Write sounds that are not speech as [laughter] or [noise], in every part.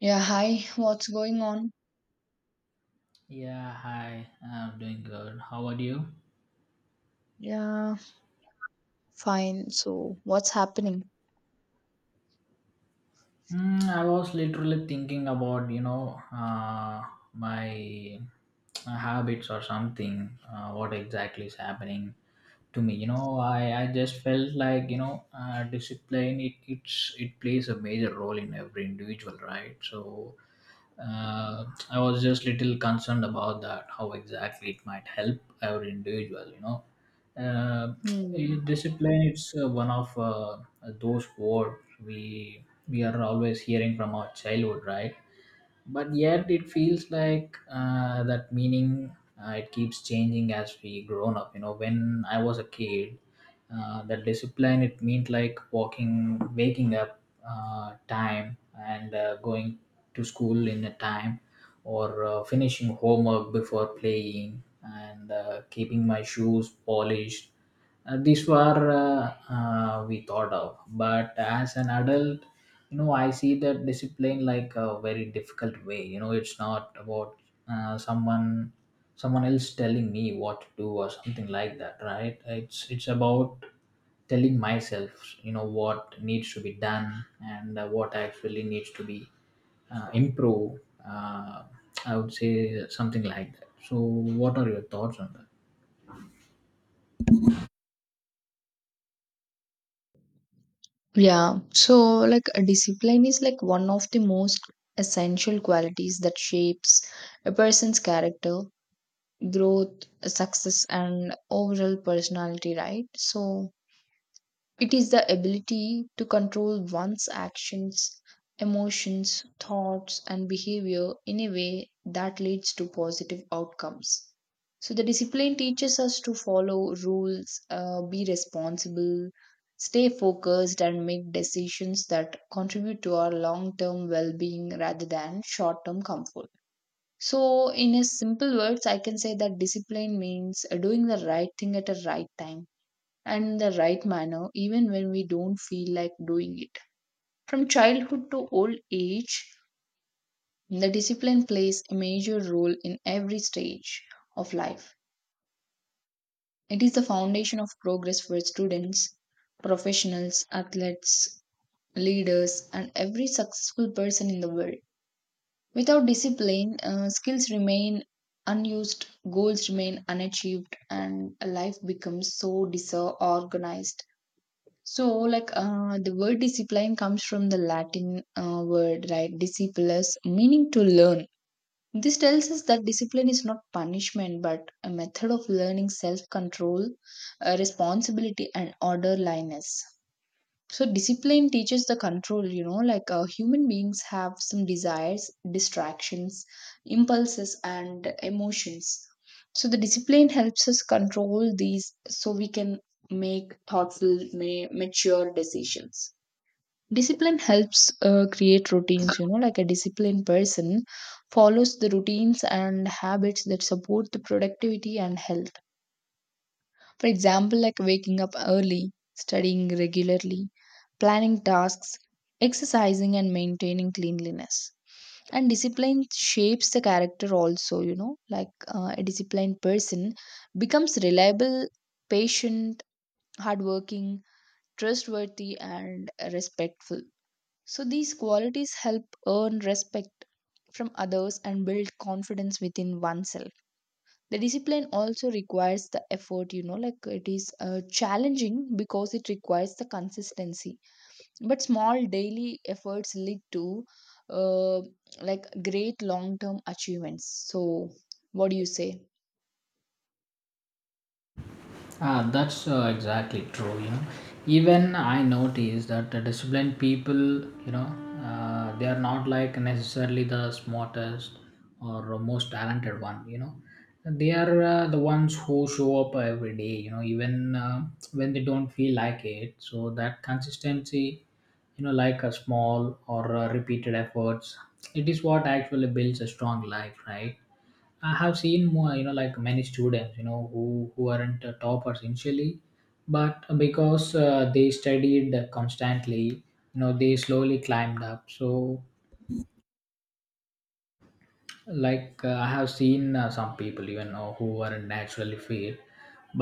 Yeah, hi. What's going on? Yeah, hi. I'm doing good. How are you? Yeah, fine. So, what's happening? I was literally thinking about, my habits or something. What exactly is happening to me? You know, I just felt like, discipline, it plays a major role in every individual, right? So uh, I was just little concerned about that, how exactly it might help every individual. Uh, Hmm. Discipline, it's one of those words we we are always hearing from our childhood, right? But yet it feels like that meaning, it keeps changing as we grown up. You know, when I was a kid, that discipline it meant like walking, waking up, time, and going to school in a time, or finishing homework before playing, and keeping my shoes polished. These were We thought of, but as an adult, you know, I see that discipline like a very difficult way. You know, it's not about uh, someone someone else telling me what to do or something like that, right? It's about telling myself, you know, what needs to be done, and what actually needs to be improved. uh, I would say something like that. So what are your thoughts on that? Yeah. So, a discipline is like one of the most essential qualities that shapes a person's character, growth, success, and overall personality, right? So, it is the ability to control one's actions, emotions, thoughts, and behavior in a way that leads to positive outcomes. So, the discipline teaches us to follow rules, be responsible, stay focused, and make decisions that contribute to our long term well being rather than short term comfort. So, in a simple words, I can say that discipline means doing the right thing at a right time and the right manner, even when we don't feel like doing it. From childhood to old age, the discipline plays a major role in every stage of life. It is the foundation of progress for students, professionals, athletes, leaders, and every successful person in the world. Without discipline, skills remain unused, goals remain unachieved, and life becomes so disorganized. So, the word discipline comes from the Latin word, right? Discipulus, meaning to learn. This tells us that discipline is not punishment, but a method of learning self control, responsibility, and orderliness. So discipline teaches the control, you know, human beings have some desires, distractions, impulses, and emotions. So the discipline helps us control these so we can make thoughtful, mature decisions. Discipline helps create routines, you know, like a disciplined person follows the routines and habits that support the productivity and health. For example, like waking up early, studying regularly, planning tasks, exercising, and maintaining cleanliness. And discipline shapes the character also, you know, a disciplined person becomes reliable, patient, hardworking, trustworthy, and respectful. So these qualities help earn respect from others and build confidence within oneself. The discipline also requires the effort, you know, like it is challenging because it requires the consistency, but small daily efforts lead to uh, like great long term achievements. So what do you say? Ah, that's exactly true. You know, even I notice that the disciplined people, you know, they are not like necessarily the smartest or most talented one. You know, they are the ones who show up every day. You know, even when they don't feel like it. So that consistency, you know, like a small or repeated efforts, it is what actually builds a strong life, right? I have seen more, you know, like many students, you know, who aren't toppers initially, but because they studied constantly, you know, they slowly climbed up. So like I have seen some people even who are naturally fit,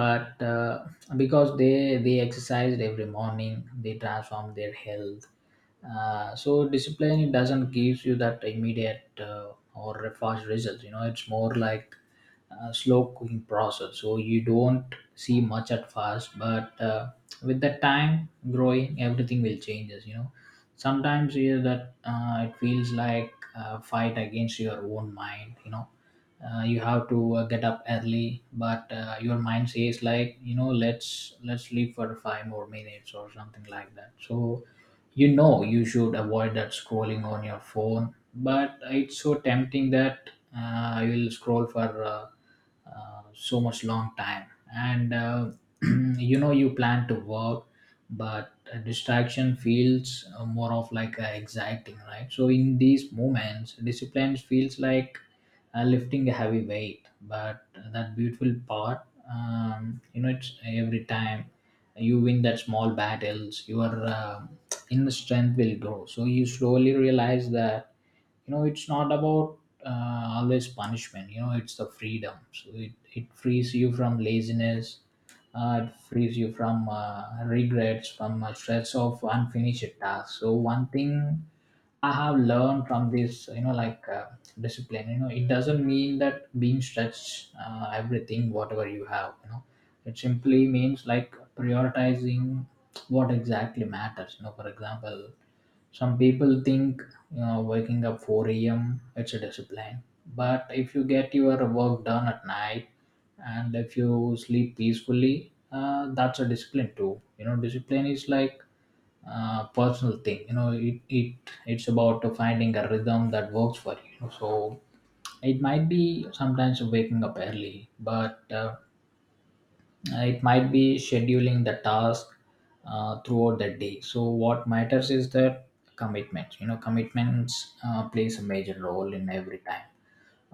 but because they exercised every morning, they transform their health. So discipline, it doesn't give you that immediate or fast results. You know, it's more like a slow cooking process, so you don't see much at first, but with the time growing, everything will changes, you know. Sometimes, you know, that it feels like fight against your own mind, you know. You have to get up early, but your mind says like, you know, let's sleep for five more minutes or something like that. So you know, you should avoid that scrolling on your phone, but it's so tempting that I will scroll for so much long time. And [clears throat] you know, you plan to work, but a distraction feels more of like exciting, right? So in these moments, discipline feels like lifting a heavy weight. But that beautiful part, you know, it's every time you win that small battles, your inner strength will grow. So you slowly realize that, you know, it's not about always punishment. You know, it's the freedom. So it frees you from laziness, it frees you from regrets, from stress of unfinished tasks. So one thing I have learned from this, you know, like discipline. You know, it doesn't mean that being stretched, everything, whatever you have, you know, it simply means like prioritizing what exactly matters. You know, for example, some people think, you know, waking up 4 a.m. it's a discipline, but if you get your work done at night and if you sleep peacefully, that's a discipline too. You know, discipline is like personal thing. You know, it's about finding a rhythm that works for you. So it might be sometimes waking up early, but it might be scheduling the task throughout the day. So what matters is the commitment, you know. Commitments plays a major role in every time.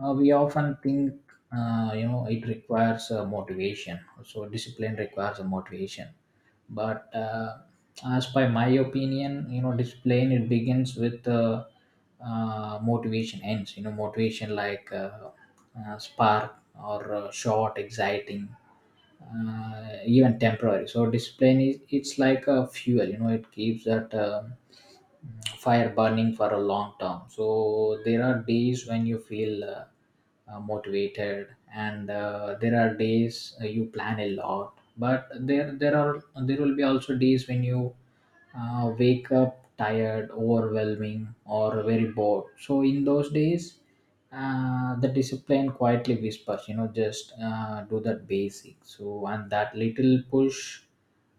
We often think you know, it requires motivation. So discipline requires a motivation, but as by my opinion, you know, discipline it begins with motivation ends. You know, motivation like spark, or short, exciting, even temporary. So discipline is it's like a fuel. You know, it keeps that fire burning for a long term. So there are days when you feel motivated, and there are days you plan a lot. But there will be also days when you wake up tired, overwhelming, or very bored. So in those days, the discipline quietly whispers, you know, just do that basic. So and that little push,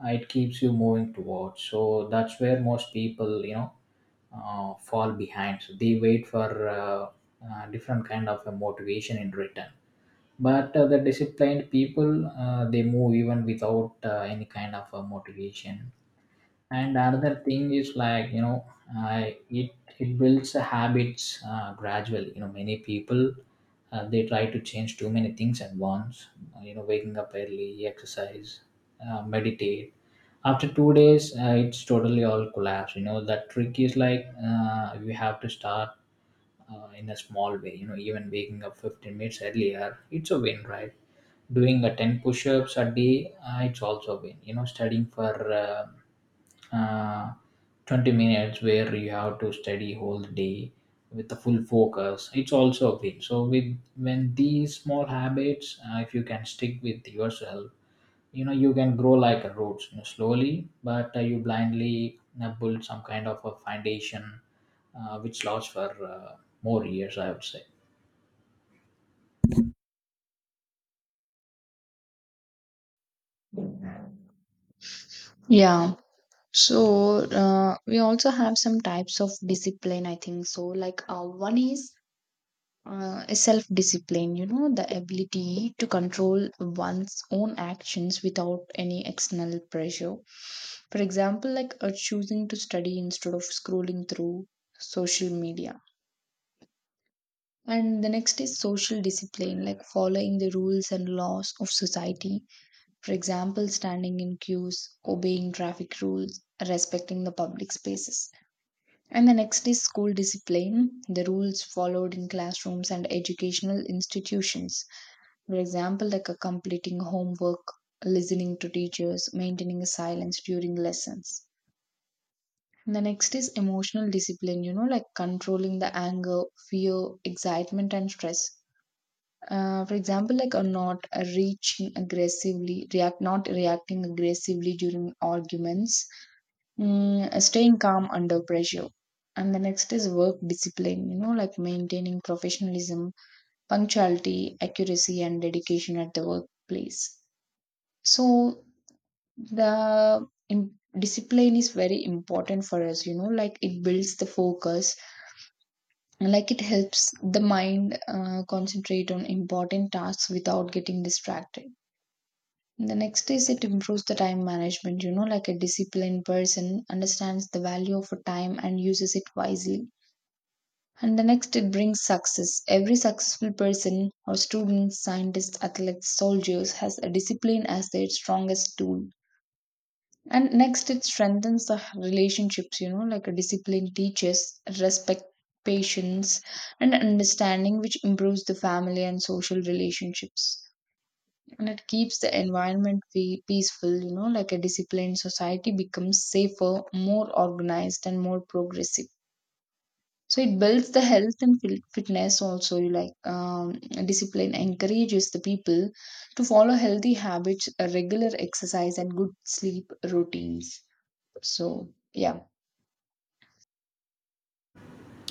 it keeps you moving towards. So that's where most people, you know, fall behind. So they wait for different kind of a motivation in return. But the disciplined people, they move even without any kind of a motivation. And another thing is like, you know, uh, it it builds a habits gradually. You know, many people, they try to change too many things at once. You know, waking up early, exercise, meditate, after 2 days it's totally all collapse. You know, that trick is like, you have to start in a small way. You know, even waking up 15 minutes earlier, it's a win, right? Doing a 10 push-ups a day, it's also been. You know, studying for uh, 20 minutes where you have to study whole day with a full focus, it's also a win. So with when these small habits, if you can stick with yourself, you know, you can grow like a roots, you know, slowly, but you blindly build some kind of a foundation which lasts for more years, I would say. Yeah. So we also have some types of discipline, I think. So, one is self discipline, you know, the ability to control one's own actions without any external pressure. For example, choosing to study instead of scrolling through social media. And the next is social discipline, like following the rules and laws of society. For example, standing in queues, obeying traffic rules, respecting the public spaces. And the next is school discipline, the rules followed in classrooms and educational institutions. For example, completing homework, listening to teachers, maintaining silence during lessons. The next is emotional discipline, you know, like controlling the anger, fear, excitement, and stress. For example, not reacting aggressively during arguments, staying calm under pressure. And the next is work discipline, you know, like maintaining professionalism, punctuality, accuracy, and dedication at the workplace. So the discipline is very important for us, you know, like it builds the focus, like it helps the mind concentrate on important tasks without getting distracted. The next is it improves the time management, you know, like a disciplined person understands the value of a time and uses it wisely. And the next, it brings success. Every successful person or student, scientist, athletes, soldiers has a discipline as their strongest tool. And next, it strengthens the relationships, you know, like a discipline teaches respect, patience, and understanding, which improves the family and social relationships. And it keeps the environment peaceful, you know, like a disciplined society becomes safer, more organized, and more progressive. So it builds the health and fitness also. You Like discipline encourages the people to follow healthy habits, a regular exercise, and good sleep routines. So, yeah.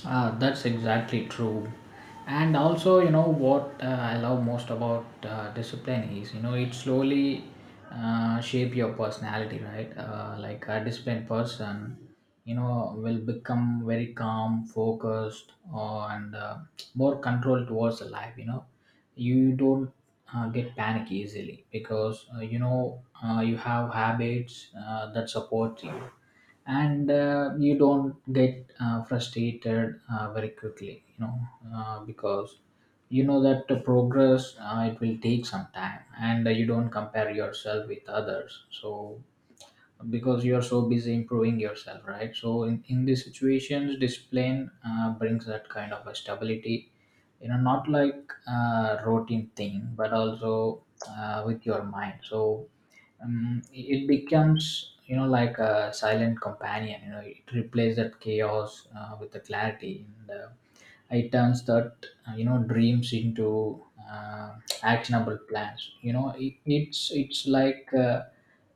Ah, that's exactly true. And also, you know what, I love most about discipline is, you know, it slowly shape your personality, right? Like a disciplined person, you know, will become very calm, focused, or, and more controlled towards the life. You know, you don't get panic easily because you have habits that support you, and you don't get frustrated very quickly, you know, because you know that the progress, it will take some time, and you don't compare yourself with others, so because you are so busy improving yourself, right? So in these situations, discipline brings that kind of a stability, you know, not like routine thing, but also with your mind. So it becomes, you know, like a silent companion. You know, it replaces that chaos with the clarity, and it turns that you know, dreams into uh, actionable plans. You know, it's like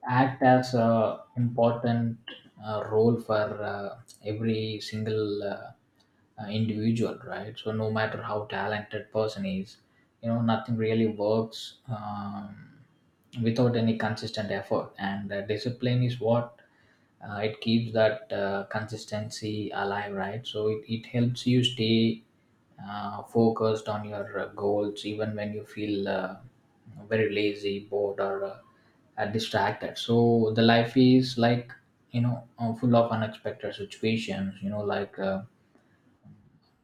act as a important role for every single individual, right? So no matter how talented person is, you know, nothing really works without any consistent effort, and discipline is what it keeps that consistency alive, right? So it helps you stay focused on your goals even when you feel very lazy, bored, or distracted. So the life is like, you know, full of unexpected situations, you know, like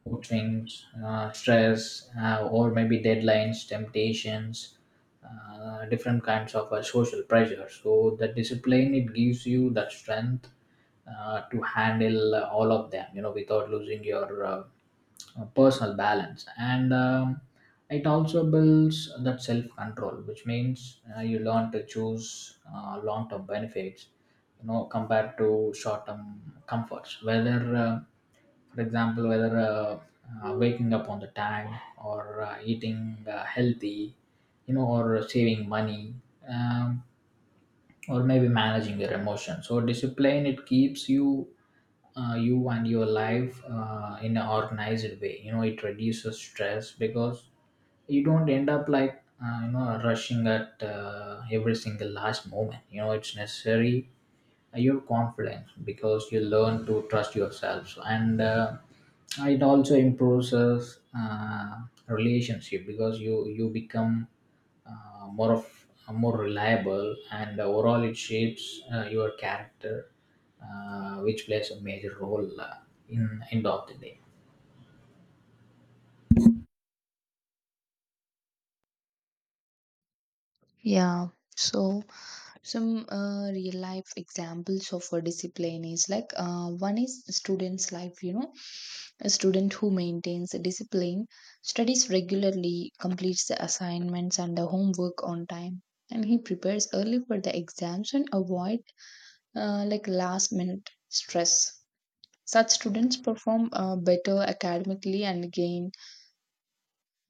routines, stress, or maybe deadlines, temptations, different kinds of social pressure. So the discipline, it gives you that strength to handle all of them, you know, without losing your personal balance. And it also builds that self control, which means you learn to choose long term benefits, you know, compared to short term comforts. Whether uh, for example, whether waking up on the time, or eating healthy, you know, or saving money, um, or maybe managing their emotions. So discipline, it keeps you you and your life in an organized way. You know, it reduces stress because you don't end up like, you know, rushing at every single last moment. You know, it's necessary your confidence because you learn to trust yourself, and it also improves us, relationship because you become uh, more of more reliable, and overall it shapes your character which plays a major role in end of the day. Yeah. So some real life examples of a discipline is like one is student's life, you know, a student who maintains a discipline, studies regularly, completes the assignments and the homework on time, and he prepares early for the exams and avoid like last minute stress. Such students perform better academically and gain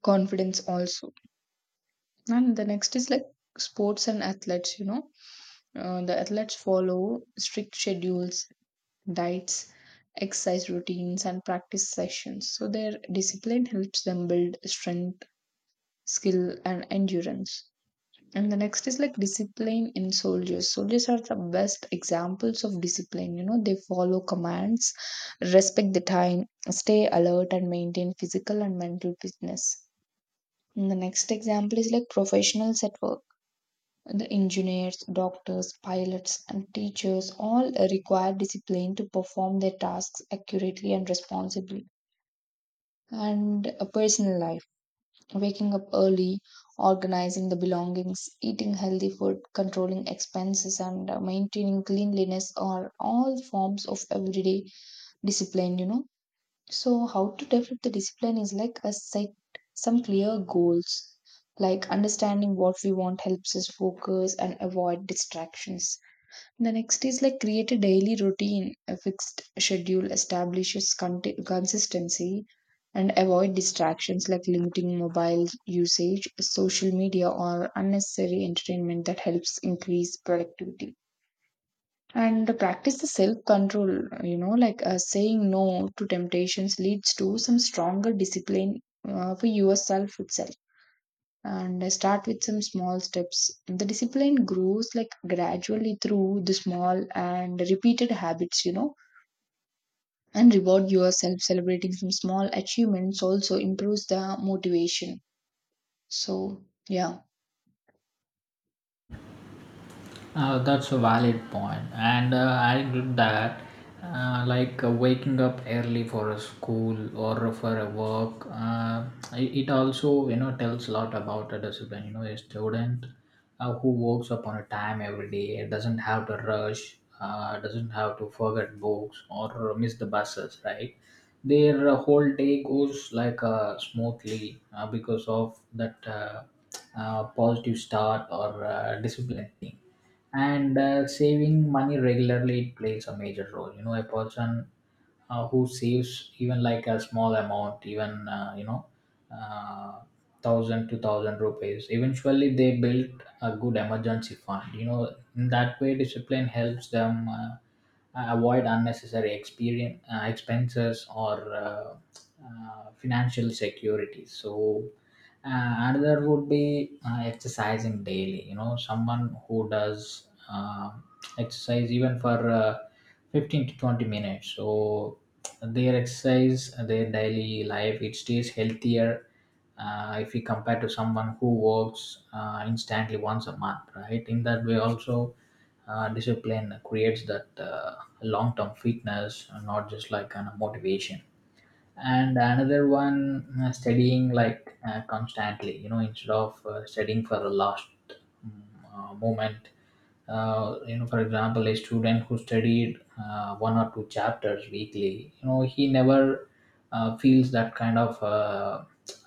confidence also. And the next is like sports and athletes, you know. The athletes follow strict schedules, diets, exercise routines, and practice sessions. So their discipline helps them build strength, skill, and endurance. And the next is like discipline in soldiers. Soldiers are the best examples of discipline. You know, they follow commands, respect the time, stay alert, and maintain physical and mental fitness. And the next example is like professionals at work, the engineers, doctors, pilots, and teachers all require discipline to perform their tasks accurately and responsibly. And a personal life, waking up early, organizing the belongings, eating healthy food, controlling expenses, and maintaining cleanliness are all forms of everyday discipline, you know. So, how to develop the discipline is like a set some clear goals. Like understanding what we want helps us focus and avoid distractions. The next is like create a daily routine, a fixed schedule, establishes consistency, and avoid distractions like limiting mobile usage, social media, or unnecessary entertainment that helps increase productivity. And practice the self control, you know, saying no to temptations leads to some stronger discipline for yourself itself. And I start with some small steps. The discipline grows like gradually through the small and repeated habits, you know, and reward yourself celebrating some small achievements also improves the motivation. So, yeah. That's a valid point, and I did that, like waking up early for a school or for a work. It also, you know, tells a lot about a discipline. You know, a student who works up on a time every day doesn't have to rush, doesn't have to forget books or miss the buses, right? Their whole day goes like smoothly because of that positive start or discipline. And saving money regularly, it plays a major role. You know, a person who saves even like a small amount, even uh, thousand to thousand rupees, eventually they built a good emergency fund. You know, in that way discipline helps them avoid unnecessary experience, expenses, or financial security. So another would be exercising daily. You know, someone who does exercise even for 15 to 20 minutes, so their exercise, their daily life, it stays healthier if we compare to someone who works instantly once a month, right? In that way also discipline creates that long-term fitness, not just like kind of motivation. And another one, studying like constantly, you know, instead of studying for the last um, moment. You know, for example, a student who studied one or two chapters weekly, you know, he never feels that kind of uh,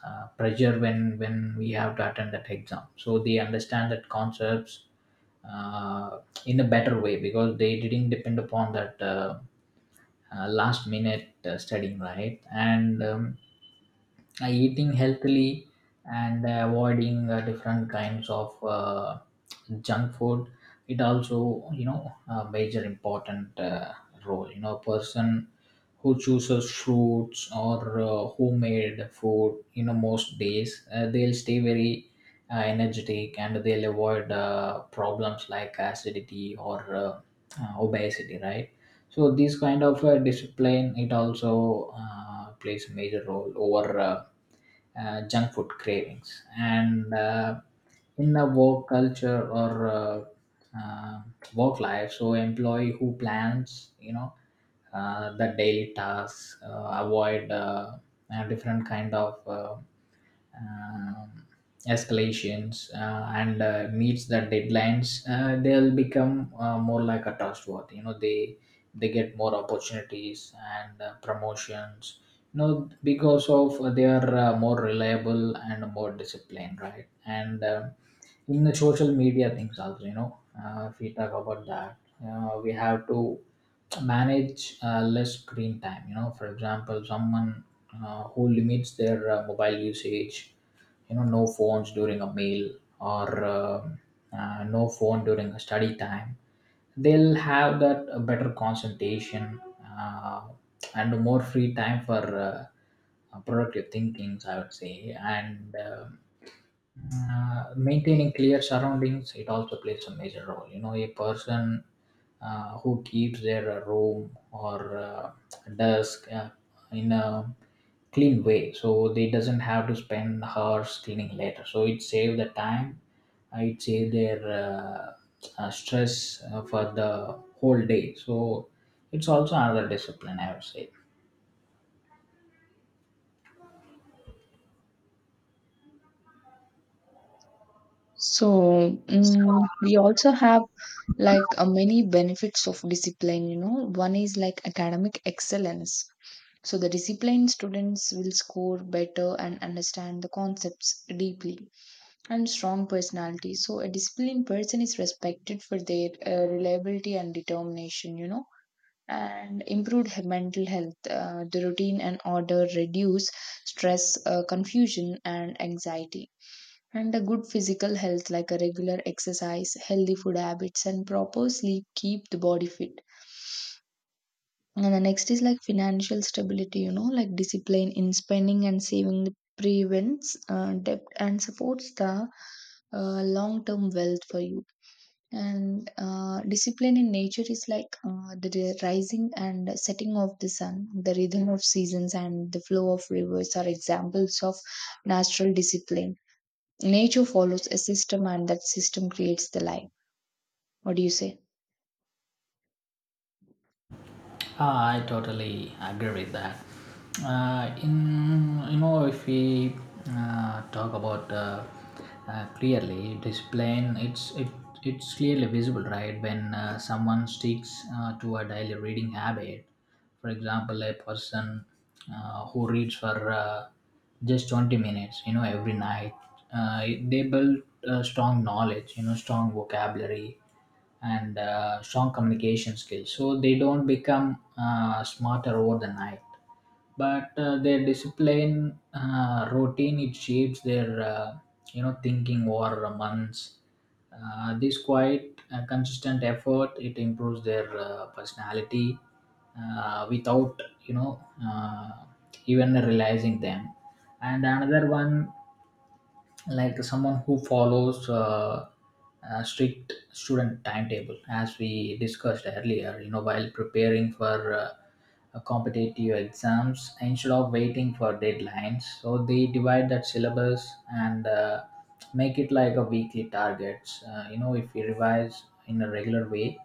uh, pressure when we have to attend that exam. So they understand that concepts uh, in a better way because they didn't depend upon that last minute studying, right? And eating healthily and avoiding different kinds of junk food, it also, you know, a major important role. You know, a person who chooses fruits or homemade food, you know, most days they'll stay very energetic, and they'll avoid problems like acidity or obesity, right? So this kind of discipline, it also plays a major role over junk food cravings. And in a work culture or uh, work life, so employee who plans, you know, the daily tasks, avoid different kind of um, escalations and meets the deadlines, they'll become more like a trustworthy. You know, they get more opportunities and promotions, you know, because of they are more reliable and more disciplined, right? And in the social media things also, you know, if we talk about that, we have to manage less screen time. You know, for example, someone who limits their mobile usage, you know, no phones during a meal or um no phone during a study time, they'll have that better concentration uh, and more free time for uh, productive thinkings, I would say. And maintaining clear surroundings, it also plays a major role. You know, a person who keeps their room or desk in a clean way, so they doesn't have to spend hours cleaning later, so it save the time, it save their stress for the whole day. So it's also another discipline, I would say. So, we also have many benefits of discipline, you know. One is like academic excellence. So, the disciplined students will score better and understand the concepts deeply and strong personality. So a disciplined person is respected for their reliability and determination, you know. And improved mental health, the routine and order reduce stress, confusion, and anxiety. And a good physical health, like a regular exercise, healthy food habits, and proper sleep, keep the body fit. And the next is like financial stability, you know, like discipline in spending and saving prevents debt and supports the long term wealth for you. And discipline in nature is like the rising and setting of the sun, the rhythm of seasons, and the flow of rivers are examples of natural discipline. Nature follows a system and that system creates the life. What do you say? Ah, I totally agree with that. In, you know, if we talk about clearly discipline, it it's clearly visible, right? When someone sticks to a daily reading habit, for example, a person who reads for just 20 minutes, you know, every night, uh, they build strong knowledge, you know, strong vocabulary and strong communication skills. So they don't become smarter over the night, but their discipline routine, it shapes their you know thinking over months. This quiet, consistent effort, it improves their personality without you know uh, even realizing them. And another one, like someone who follows a strict student timetable, as we discussed earlier, you know, while preparing for competitive exams, instead of waiting for deadlines, so they divide that syllabus and make it like a weekly targets. You know, if we revise in a regular way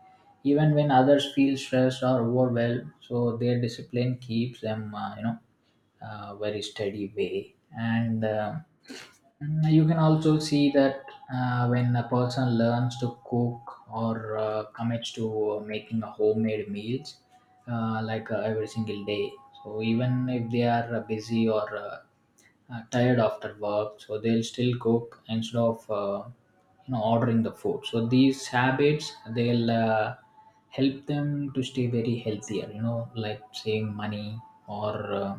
even when others feel stressed or overwhelmed, so their discipline keeps them very steady way. And mm, you can also see that when a person learns to cook or commits to making a homemade meals like every single day, so even if they are busy or tired after work, so they'll still cook instead of you know ordering the food. So these habits, they'll help them to stay very healthier, you know, like saving money or uh,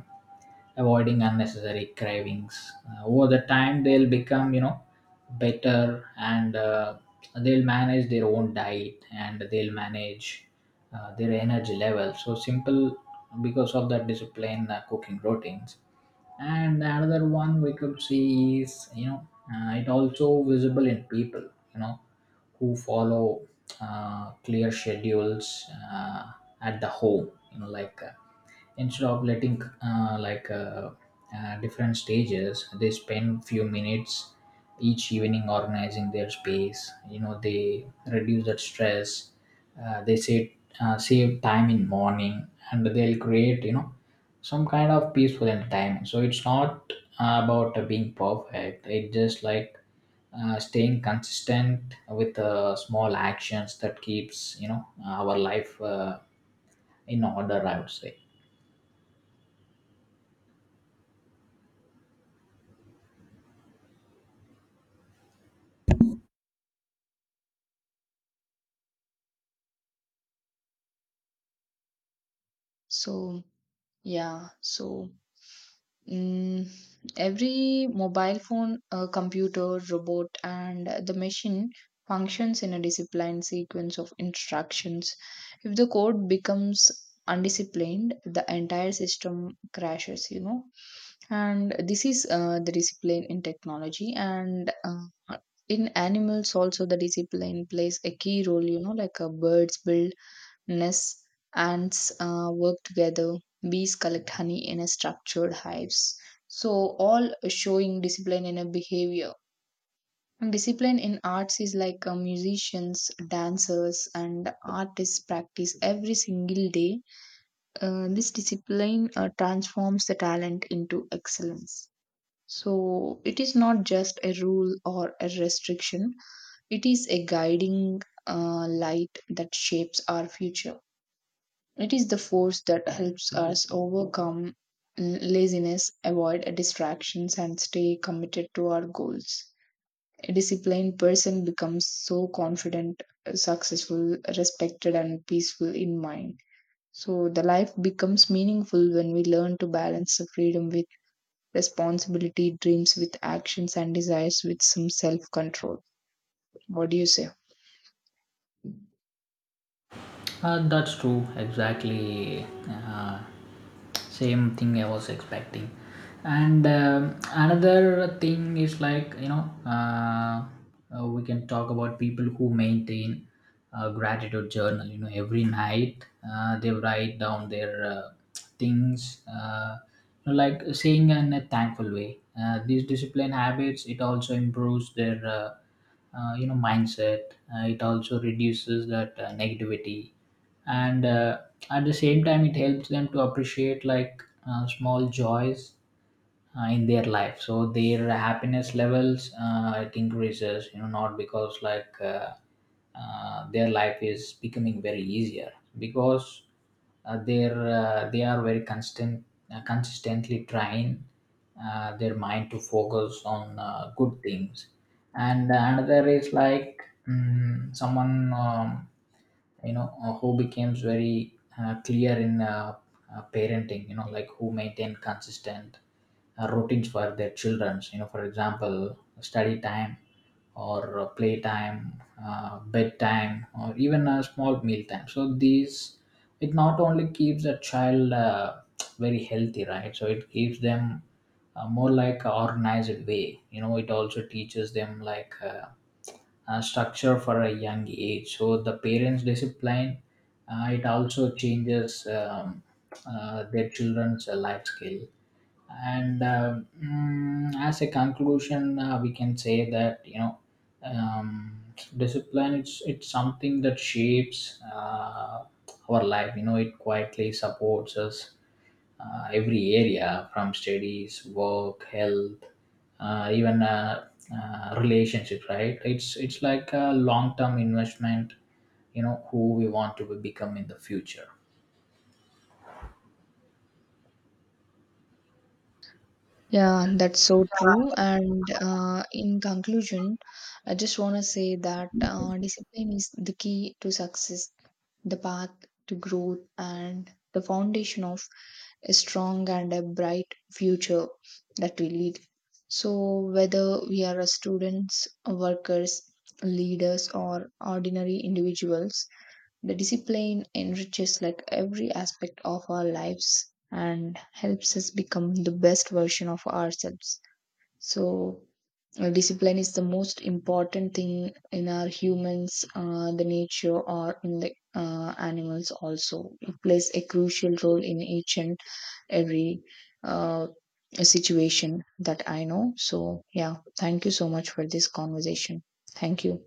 avoiding unnecessary cravings over the time, they'll become, you know, better. And they'll manage their own diet and they'll manage their energy level, so simple, because of that discipline cooking routines. And another one we could see is, you know, it also visible in people, you know, who follow clear schedules uh, at the home, you know, like instead of letting different stages, they spend few minutes each evening organizing their space. You know, they reduce that stress, they save, save time in morning, and they'll create, you know, some kind of peaceful entertainment. So it's not about being perfect, it's just like staying consistent with small actions that keeps, you know, our life in order, I would say. So yeah. So Mm, every mobile phone, computer, robot, and the machine functions in a disciplined sequence of instructions. If the code becomes undisciplined, the entire system crashes, you know. And this is the discipline in technology. And in animals also the discipline plays a key role, you know, birds build nests, ants work together, bees collect honey in a structured hives. So, all showing discipline in a behavior. And discipline in arts is like musicians, dancers, and artists practice every single day. This discipline transforms the talent into excellence. So, it is not just a rule or a restriction, it is a guiding light that shapes our future. It is the force that helps us overcome laziness, avoid distractions, and stay committed to our goals. A disciplined person becomes so confident, successful, respected, and peaceful in mind. So, the life becomes meaningful when we learn to balance the freedom with responsibility, dreams with actions, and desires with some self control. What do you say? That's true, exactly. Same thing I was expecting. And another thing is like, you know, we can talk about people who maintain a gratitude journal. You know, every night they write down their things, you know, like saying in a thankful way. These discipline habits, it also improves their. You know, mindset it also reduces that negativity, and at the same time, it helps them to appreciate like small joys in their life. So their happiness levels it increases, you know, not because like their life is becoming very easier, because they are very constant, consistently trying their mind to focus on good things. And another is like, mm, someone, you know, who becomes very clear in parenting, you know, like who maintain consistent routines for their childrens. You know, for example, study time or play time, bedtime, or even a small meal time. So these, it not only keeps a child very healthy, right, so it keeps them more like a organized way. You know, it also teaches them like structure for a young age. So the parents' discipline, it also changes their children's life skill. And mm, as a conclusion, we can say that, you know, um, discipline, it's something that shapes our life. You know, it quietly supports us every area from studies, work, health, even relationships, right? It's like a long term investment, you know, who we want to become in the future. Yeah, that's so true. And in conclusion, I just want to say that discipline is the key to success, the path to growth, and the foundation of a strong and a bright future that we lead. So, whether we are a students, workers, leaders, or ordinary individuals, the discipline enriches like every aspect of our lives and helps us become the best version of ourselves. So, discipline is the most important thing in our humans, the nature, or in the animals also. It plays a crucial role in each and every uh, situation that I know. So, yeah, thank you so much for this conversation. Thank you.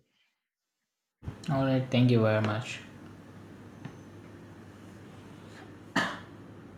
All right, thank you very much.